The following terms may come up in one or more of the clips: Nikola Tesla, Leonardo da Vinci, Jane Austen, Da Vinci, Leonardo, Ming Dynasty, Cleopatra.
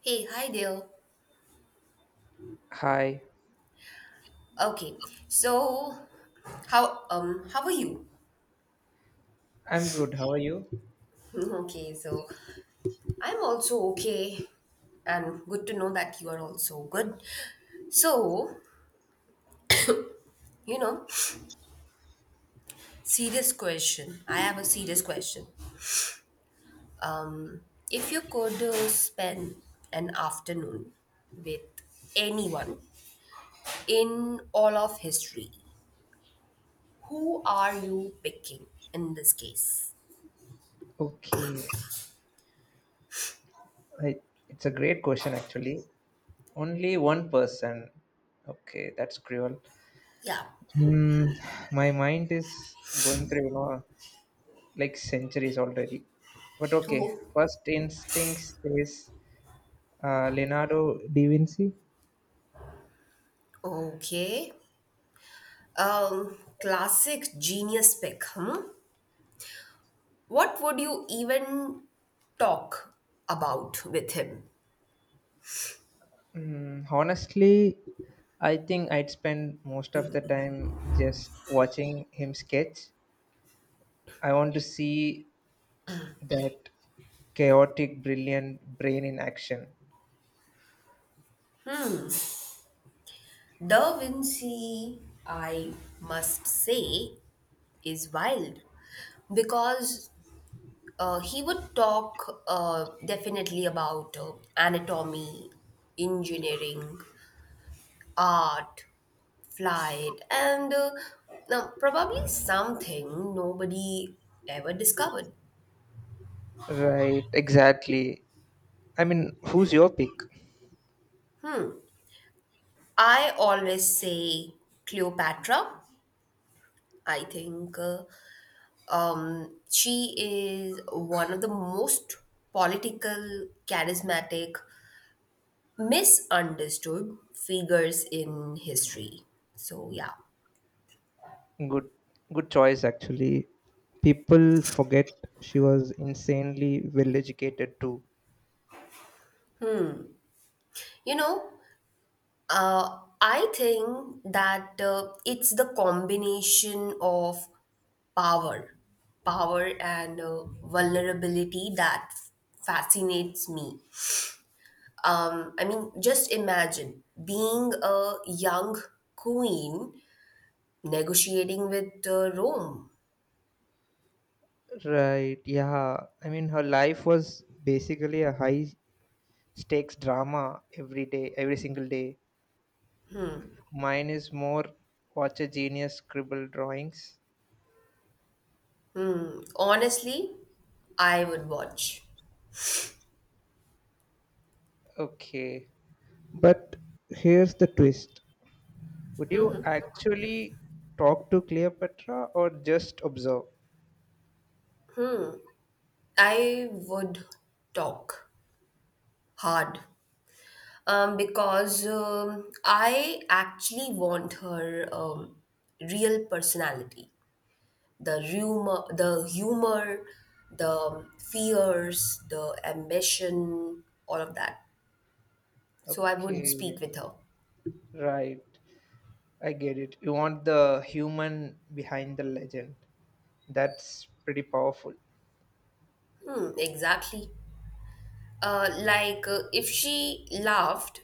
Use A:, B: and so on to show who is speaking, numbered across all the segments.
A: Hey, hi there.
B: Hi.
A: Okay, so how are you?
B: I'm good. How are you?
A: Okay, so I'm also okay, and good to know that you are also good. So you know, Serious question. I have a serious question. Um, If you could spend an afternoon with anyone in all of history, who are you picking in this case?
B: Okay. I, it's a great question, actually. Only one person. Okay, that's cruel.
A: Yeah.
B: Hmm. My mind is going through, like centuries already. But okay,
A: Who?
B: first instinct says Leonardo da Vinci.
A: Okay. Classic genius pick, hmm? What would you even talk about with him?
B: Honestly, I think I'd spend most of the time just watching him sketch. I want to see that chaotic brilliant brain in action.
A: Da Vinci, I must say, is wild because he would talk definitely about anatomy, engineering, art, flight, and now probably something nobody ever discovered.
B: Right, exactly. I mean, who's your pick?
A: I always say Cleopatra. I think she is one of the most political, charismatic, misunderstood figures in history. So, yeah.
B: Good, good choice, actually. People forget she was insanely well educated too.
A: You know, I think that it's the combination of power, power and vulnerability that fascinates me. I mean, just imagine being a young queen negotiating with Rome.
B: Right, yeah. I mean, her life was basically a high stakes drama, every day, every single day. Mine is more watch a genius scribble drawings.
A: Honestly, I would watch.
B: Okay, but here's the twist. Would you actually talk to Cleopatra or just observe?
A: I would talk hard because I actually want her real personality, the humor, the fears, the ambition, all of that. So I would
B: Okay,
A: speak with her.
B: right. I get it. You want the human behind the legend. That's pretty powerful.
A: Hmm, exactly. Like if she laughed,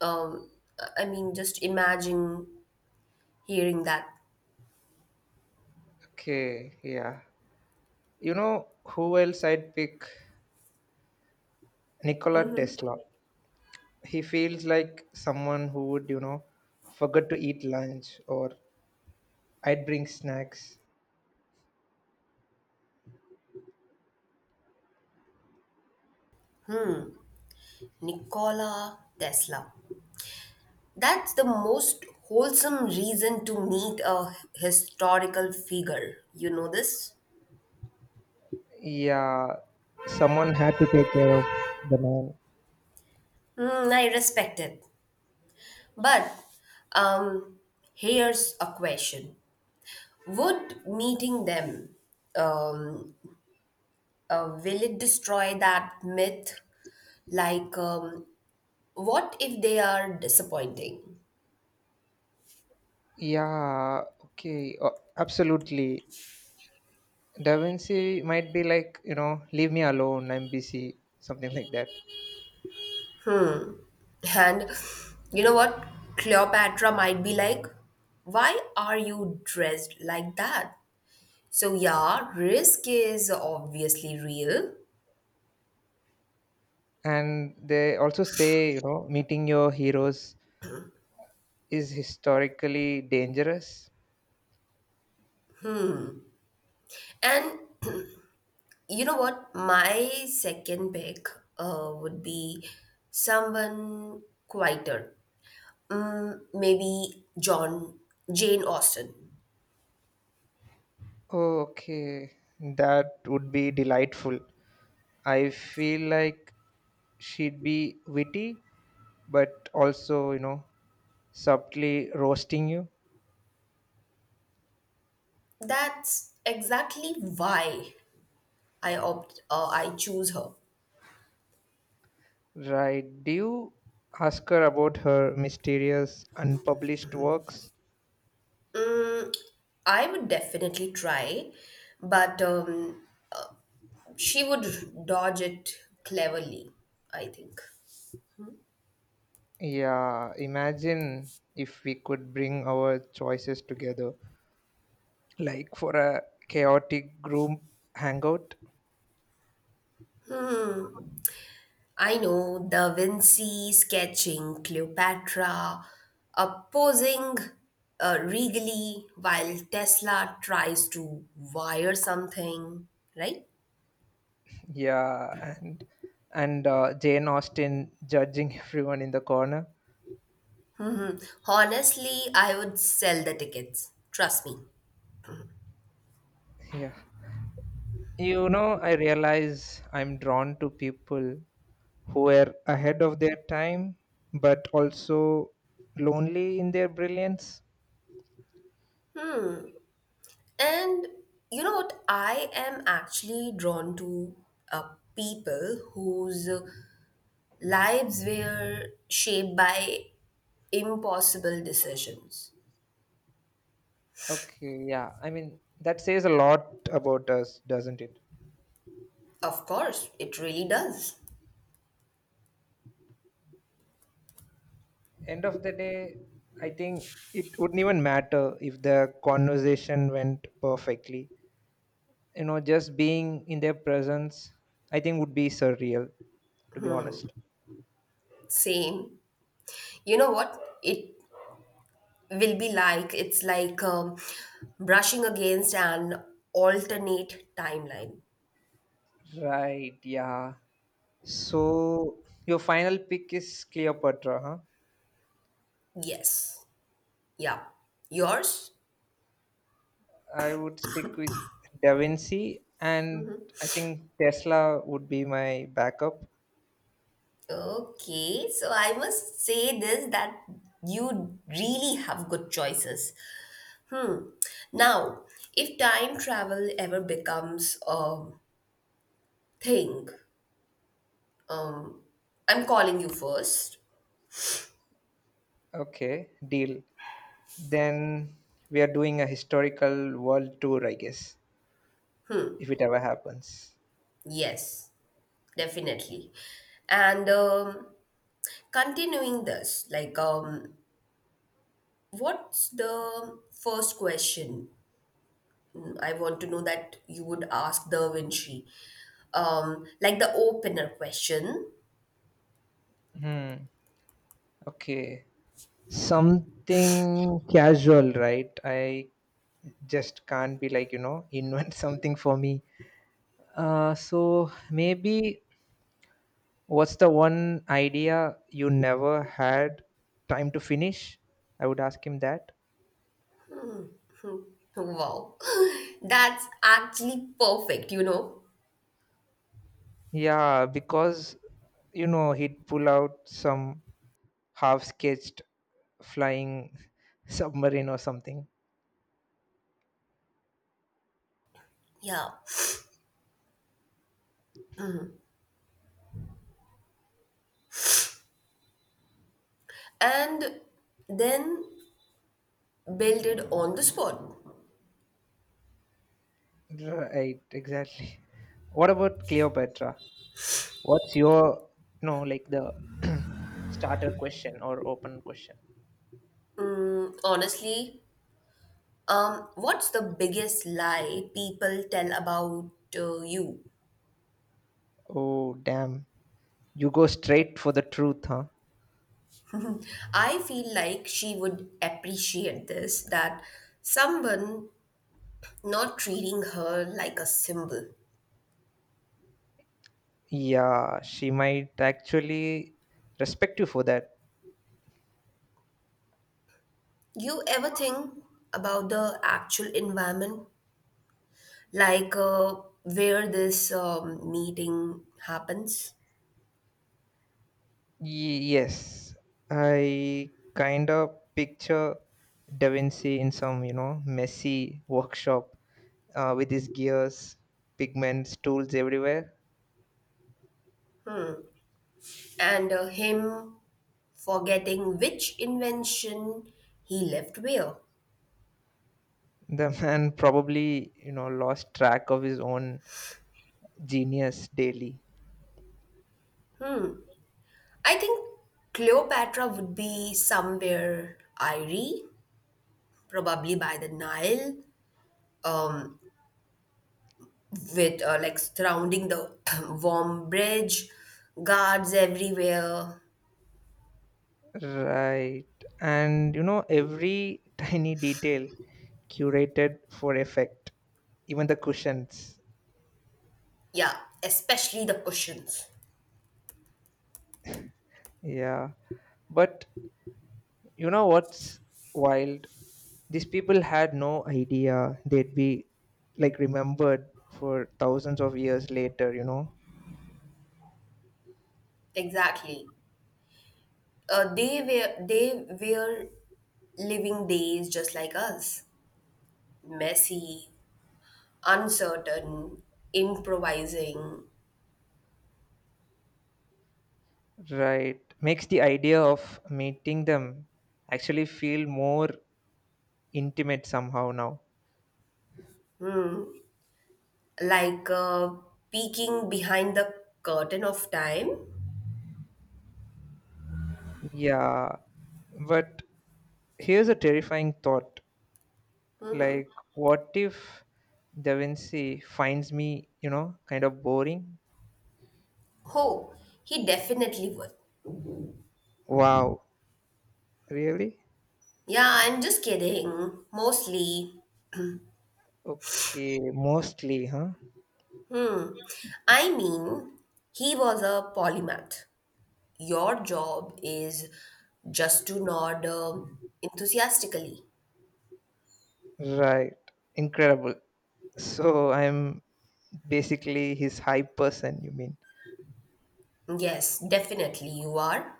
A: um, I mean, just imagine hearing that.
B: Okay, yeah. You know who else I'd pick? Nikola Tesla. He feels like someone who would forget to eat lunch, or I'd bring snacks.
A: Nikola Tesla. That's the most wholesome reason to meet a historical figure. You know this?
B: Yeah, someone had to take care of the man.
A: Hmm, I respect it. But um, here's a question: would meeting them, um, will it destroy that myth? Like, um, what if they are disappointing?
B: Yeah, okay, absolutely. Da Vinci might be like, leave me alone, I'm busy, something like that.
A: And you know what? Cleopatra might be like, why are you dressed like that? So, yeah, risk is obviously real.
B: And they also say, meeting your heroes is historically dangerous.
A: And you know what? My second pick would be someone quieter. Maybe Jane Austen.
B: Oh, okay, that would be delightful. I feel like she'd be witty, but also subtly roasting you.
A: That's exactly why I choose her.
B: Right. Do you ask her about her mysterious unpublished works?
A: Mm, I would definitely try, but she would dodge it cleverly, I think.
B: Yeah, imagine if we could bring our choices together, like for a chaotic group hangout.
A: I know Da Vinci sketching Cleopatra, posing regally while Tesla tries to wire something, right?
B: Yeah, and Jane Austen judging everyone in the corner.
A: Honestly, I would sell the tickets. Trust me.
B: Yeah, I realize I'm drawn to people who were ahead of their time, but also lonely in their brilliance.
A: And you know what? I am actually drawn to uh, people whose lives were shaped by impossible decisions.
B: Okay, yeah, I mean that says a lot about us, doesn't it?
A: Of course, it really does.
B: End of the day, I think it wouldn't even matter if the conversation went perfectly. Just being in their presence, I think would be surreal, to be honest.
A: Same. You know what? It's like brushing against an alternate timeline.
B: Right, yeah. So your final pick is Cleopatra, huh?
A: Yes. Yeah. Yours?
B: I would stick with Da Vinci, and I think Tesla would be my backup.
A: Okay. So I must say this that you really have good choices. Now, if time travel ever becomes a thing, um, I'm calling you first.
B: Okay, deal. Then we are doing a historical world tour, I guess, if it ever happens.
A: Yes. Definitely. And continuing this, what's the first question mm, I want to know that you would ask the Vinci? Like the opener question.
B: Hmm. Okay. Something casual, right? I just can't be like, invent something for me. So maybe, what's the one idea you never had time to finish? I would ask him that.
A: Wow, that's actually perfect, you know?
B: Yeah, because, he'd pull out some half sketched flying submarine or something.
A: Yeah. And then build it on the spot.
B: Right, exactly. What about Cleopatra? What's your, no, like the starter question or open question?
A: Mm, honestly, what's the biggest lie people tell about you?
B: Oh damn. You go straight for the truth, huh?
A: I feel like she would appreciate this that someone not treating her like a symbol.
B: Yeah, she might actually respect you for that.
A: You ever think about the actual environment, like uh, where this meeting happens,
B: Yes. I kind of picture Da Vinci in some messy workshop with his gears, pigments, tools everywhere.
A: and him forgetting which invention he left where?
B: The man probably lost track of his own genius daily.
A: I think Cleopatra would be somewhere airy, probably by the Nile, um, with surrounding the warm bridge, guards everywhere.
B: Right. And every tiny detail curated for effect, even the cushions.
A: Yeah, especially the cushions.
B: Yeah. But you know what's wild? These people had no idea they'd be like remembered for thousands of years later, you know?
A: Exactly. They were living days just like us, messy, uncertain, improvising.
B: Right. Makes the idea of meeting them actually feel more intimate somehow now.
A: Mm. Like peeking behind the curtain of time.
B: Yeah. But here's a terrifying thought. Like, what if Da Vinci finds me kind of boring?
A: Oh, he definitely would.
B: Wow, really?
A: Yeah, I'm just kidding. Mostly.
B: Okay, mostly, huh?
A: I mean, he was a polymath. Your job is just to nod enthusiastically.
B: Right, incredible. So I'm basically his hype person, you mean?
A: Yes, definitely you are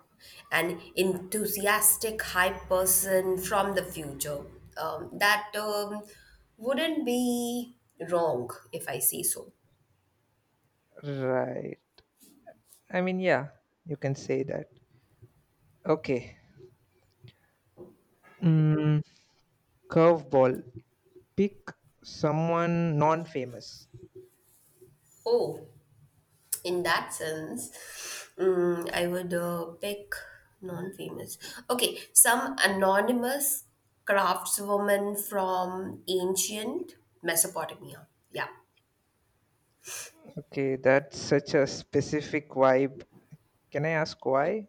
A: an enthusiastic hype person from the future. That wouldn't be wrong if I say so.
B: Right. I mean, yeah, you can say that. Okay. Mm, Curveball. Pick someone non famous.
A: Oh, in that sense I would pick non-famous, okay, some anonymous craftswoman from ancient Mesopotamia, yeah.
B: Okay, that's such a specific vibe. Can I ask why?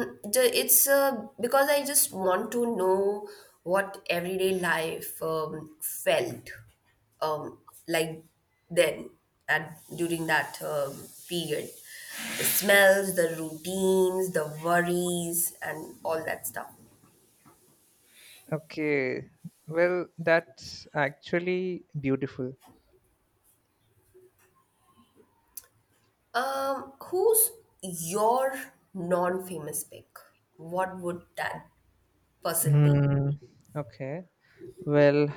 A: It's because I just want to know what everyday life felt um, like then at during that period, the smells, the routines, the worries, and all that stuff.
B: Okay. Well, that's actually beautiful.
A: Who's your non-famous pick? What would that person be?
B: Hmm. Okay. Well,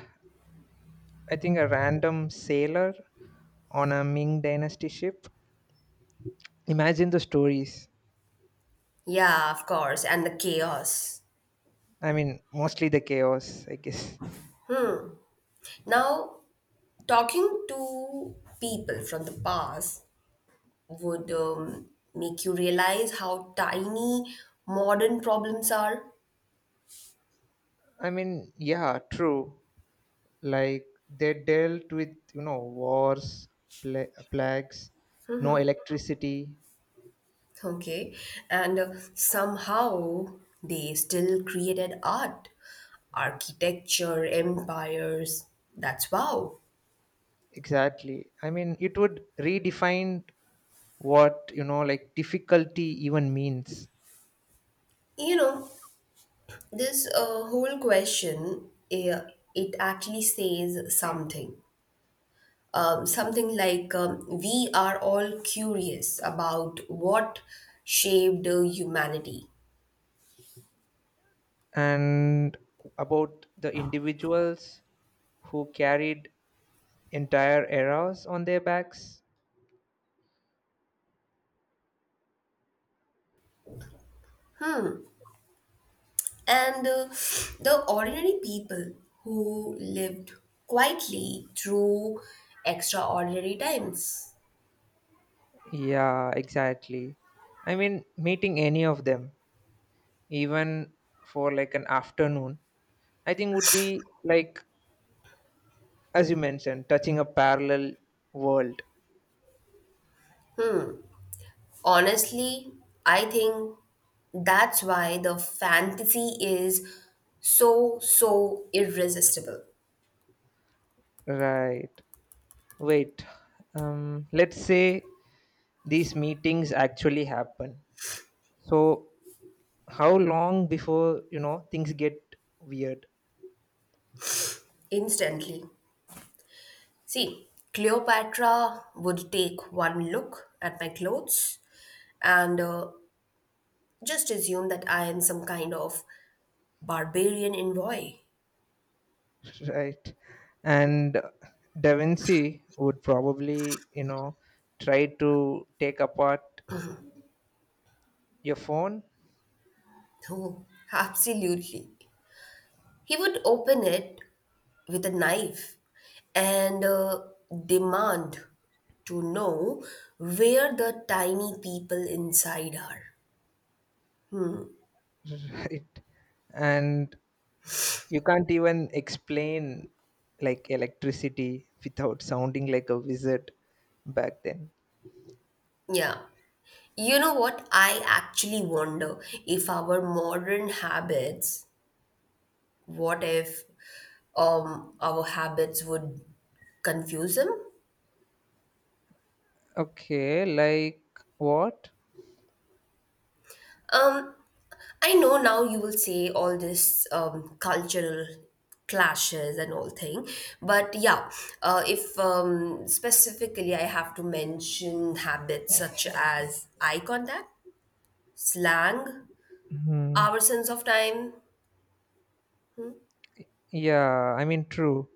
B: I think a random sailor on a Ming Dynasty ship. Imagine the stories.
A: Yeah, of course, and the chaos.
B: I mean, mostly the chaos, I guess.
A: Now, talking to people from the past would make you realize how tiny modern problems are.
B: I mean, yeah, true. Like, they dealt with, wars, plagues, no electricity.
A: Okay, and somehow they still created art, architecture, empires. That's wow.
B: Exactly. I mean, it would redefine what, like difficulty even means.
A: You know, this whole question it actually says something like we are all curious about what shaped humanity
B: And about the individuals who carried entire eras on their backs.
A: and the ordinary people who lived quietly through extraordinary times.
B: Yeah, exactly. I mean, meeting any of them, even for like an afternoon, I think would be like, as you mentioned, touching a parallel world.
A: Honestly, I think that's why the fantasy is so irresistible.
B: Right. Wait. Let's say these meetings actually happen. So, how long before things get weird?
A: Instantly. See, Cleopatra would take one look at my clothes and just assume that I am some kind of barbarian envoy.
B: Right. And Da Vinci would probably try to take apart your phone.
A: Oh, absolutely. He would open it with a knife and demand to know where the tiny people inside are.
B: Right. And you can't even explain like electricity without sounding like a wizard back then.
A: Yeah. You know what? I actually wonder if our modern habits, what if our habits would confuse him.
B: Okay, like what?
A: Um, I know now you will say all this cultural clashes and all thing, but yeah, if specifically I have to mention habits such as eye contact, slang,
B: Hmm.
A: our sense of time,
B: Yeah, I mean, true.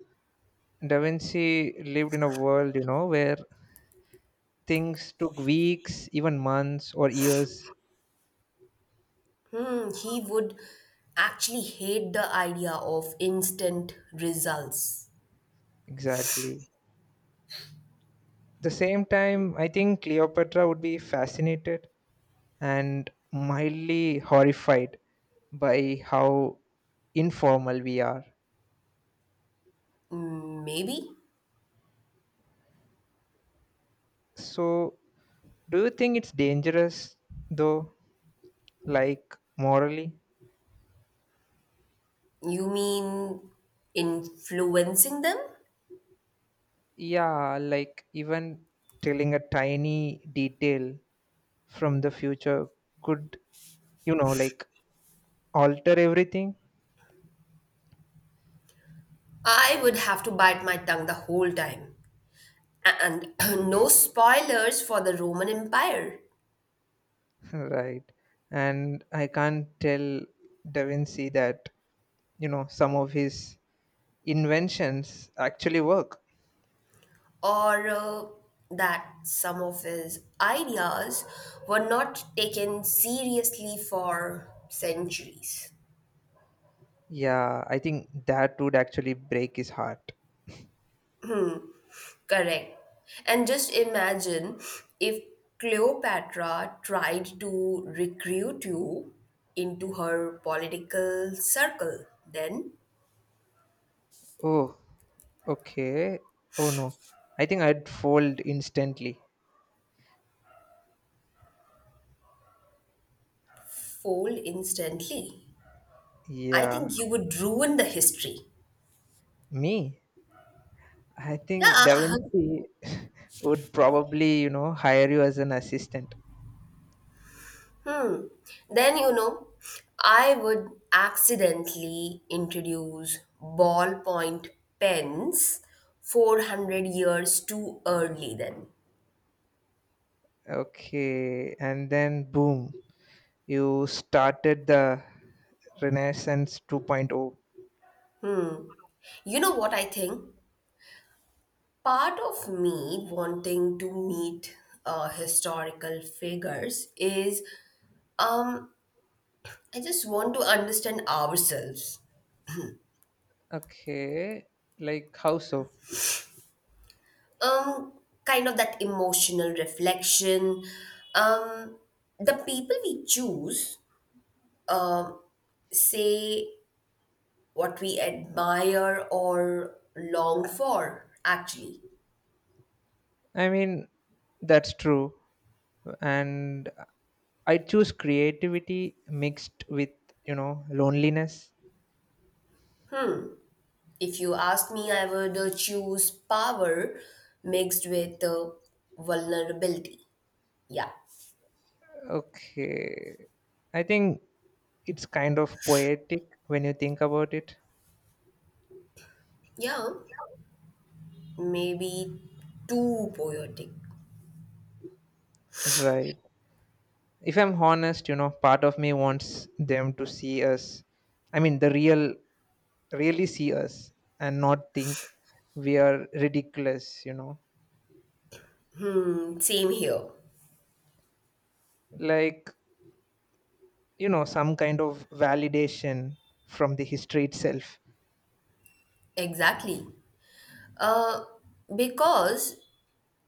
B: Da Vinci lived in a world where things took weeks, even months or years.
A: he would actually hate the idea of instant results.
B: Exactly. The same time, I think Cleopatra would be fascinated and mildly horrified by how informal we are.
A: Maybe
B: So, do you think it's dangerous though, like morally?
A: you mean influencing them?
B: Yeah, like even telling a tiny detail from the future could, like alter everything.
A: I would have to bite my tongue the whole time. And no spoilers for the Roman Empire.
B: Right? And I can't tell Da Vinci that, some of his inventions actually work.
A: Or that some of his ideas were not taken seriously for centuries.
B: Yeah, I think that would actually break his heart.
A: Correct. And just imagine if Cleopatra tried to recruit you into her political circle, then
B: Oh, okay. Oh no. I think I'd fold instantly.
A: fold instantly. I
B: Yeah,
A: think you would ruin the history.
B: me. I think Da
A: Yeah.
B: Vinci would probably hire you as an assistant.
A: Then, you know, I would accidentally introduce ballpoint pens 400 years too early then.
B: Okay, and then boom, you started the Renaissance 2.0.
A: You know what I think? Part of me wanting to meet historical figures is, um, I just want to understand ourselves.
B: Okay, like how so?
A: Um, Kind of that emotional reflection. Um, the people we choose say what we admire or long for, actually.
B: I mean, that's true. And I choose creativity mixed with loneliness.
A: If you ask me, I would choose power mixed with vulnerability. Yeah.
B: Okay. I think it's kind of poetic when you think about it.
A: Yeah. Maybe too poetic.
B: Right. If I'm honest, part of me wants them to see us. I mean, the real, really see us and not think we are ridiculous.
A: Mm, same here.
B: Like, some kind of validation from the history itself.
A: Exactly. Uh, because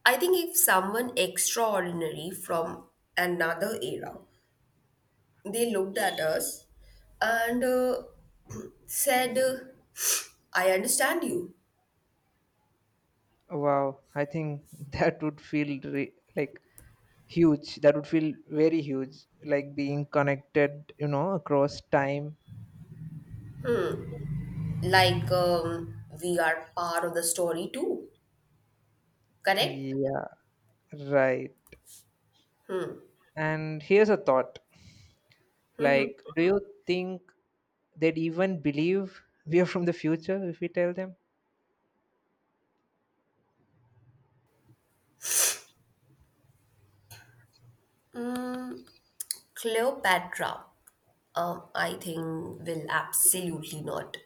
A: I think if someone extraordinary from another era, they looked at us and said, I understand you.
B: Wow. I think that would feel like huge. That would feel very huge, like being connected across time.
A: We are part of the story too, correct?
B: Yeah, right. And here's a thought. Like, do you think they'd even believe we are from the future if we tell them?
A: Mm, Cleopatra, I think, will absolutely not.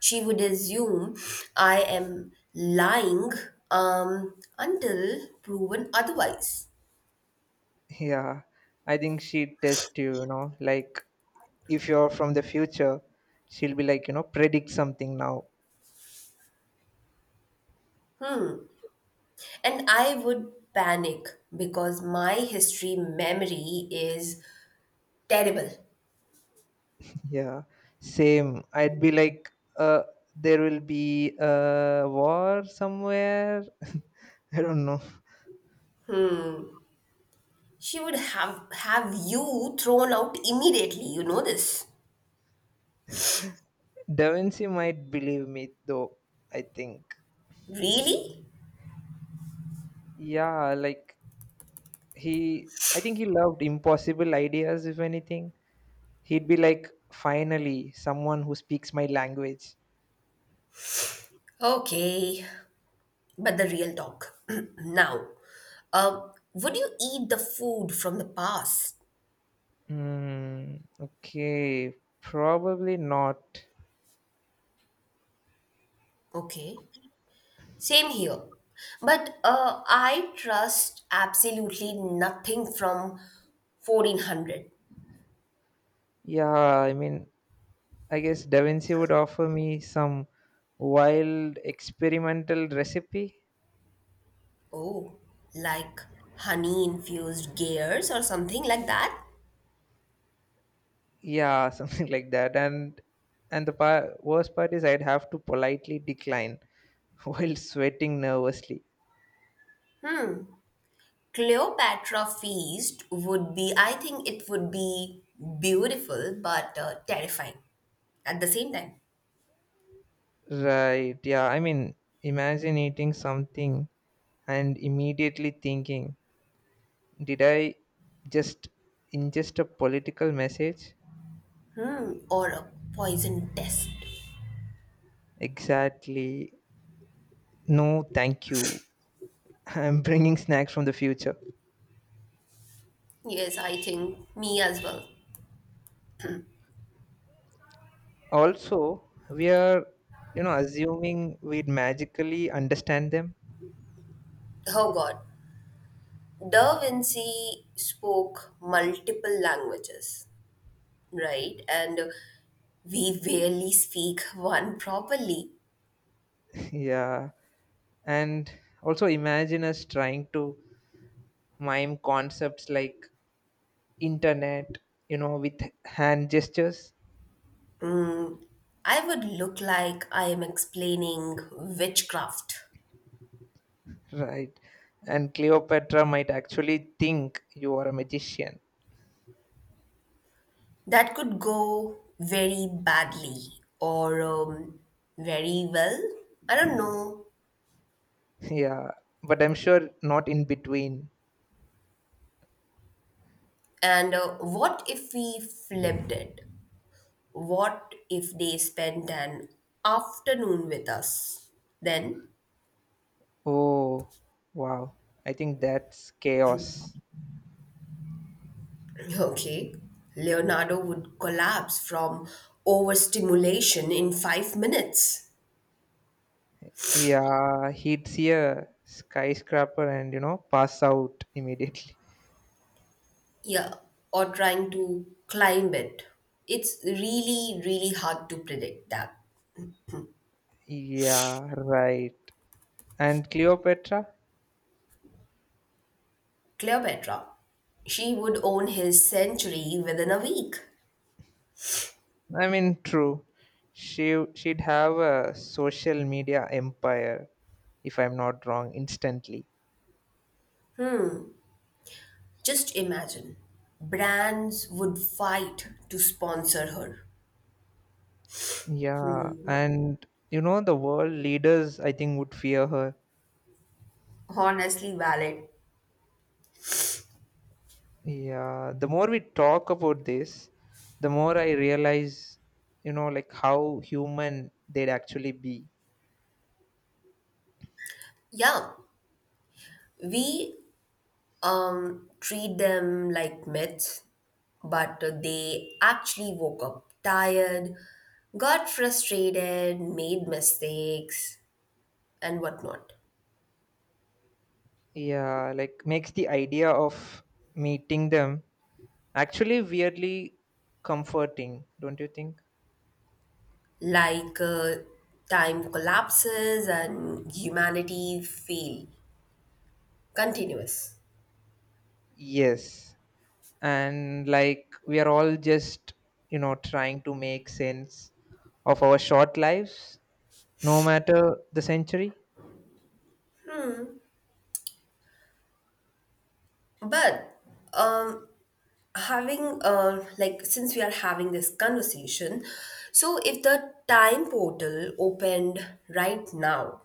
A: She would assume I am lying until proven otherwise.
B: Yeah, I think she'd test you you know like if you're from the future. She'll be like, predict something now.
A: And I would panic because my history memory is terrible.
B: Yeah, same. I'd be like uh there will be a war somewhere. I don't know.
A: She would have you thrown out immediately. You know this.
B: Da Vinci might believe me though, I think.
A: Really?
B: Yeah, like I think he loved impossible ideas, if anything. He'd be like, finally, someone who speaks my language.
A: Okay, but the real talk now, would you eat the food from the past?
B: Hmm, okay, probably not.
A: Okay, same here. But I trust absolutely nothing from 1400.
B: Yeah, I mean, I guess Da Vinci would offer me some wild experimental recipe.
A: Oh, like honey infused gears or something like that?
B: Yeah, something like that. And the worst part is I'd have to politely decline while sweating nervously.
A: Cleopatra feast would be, I think it would be beautiful but terrifying at the same time.
B: Right, yeah. I mean, imagine eating something and immediately thinking, did I just ingest a political message?
A: Hmm, or a poison test.
B: Exactly. No, thank you. I'm bringing snacks from the future.
A: Yes, I think me as well.
B: Also, we are assuming we'd magically understand them.
A: Oh God. Da Vinci spoke multiple languages, right? And we barely speak one properly.
B: Yeah, and also imagine us trying to mime concepts like internet with hand gestures.
A: I would look like I am explaining witchcraft.
B: Right, and Cleopatra might actually think you are a magician.
A: That could go very badly or very well. I don't know.
B: Yeah, but I'm sure not in between.
A: And what if we flipped it? What if they spent an afternoon with us? Then,
B: Oh wow, I think that's chaos.
A: okay, Leonardo would collapse from overstimulation in 5 minutes.
B: Yeah, he'd see a skyscraper and pass out immediately.
A: Yeah, or trying to climb it. It's really, really hard to predict that.
B: Yeah, right. And Cleopatra.
A: Cleopatra, she would own his century within a week.
B: I mean, true. She'd have a social media empire, if I'm not wrong, instantly.
A: Just imagine. Brands would fight to sponsor her.
B: Yeah, and the world leaders I think would fear her.
A: Honestly, valid.
B: Yeah, the more we talk about this, the more I realize, like how human they'd actually be.
A: Yeah, we treat them like myths, but they actually woke up tired, got frustrated, made mistakes, and whatnot.
B: Yeah, like makes the idea of meeting them actually weirdly comforting, don't you think?
A: Like uh, Time collapses and humanity feel continuous.
B: Yes, and like we are all just trying to make sense of our short lives, no matter the century.
A: But um, having like since we are having this conversation, so if the time portal opened right now,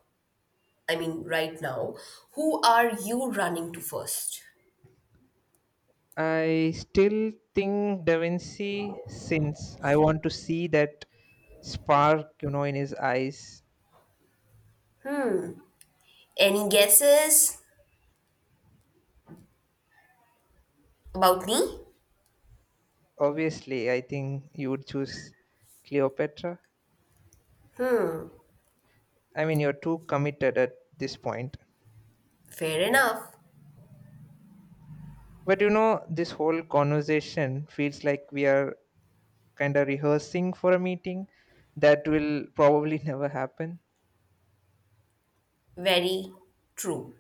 A: I mean, right now, who are you running to first?
B: I still think Da Vinci, since I want to see that spark in his eyes.
A: Any guesses about me?
B: Obviously, I think you would choose Cleopatra. I mean, you're too committed at this point.
A: Fair enough.
B: But you know, this whole conversation feels like we are kind of rehearsing for a meeting that will probably never happen.
A: Very true.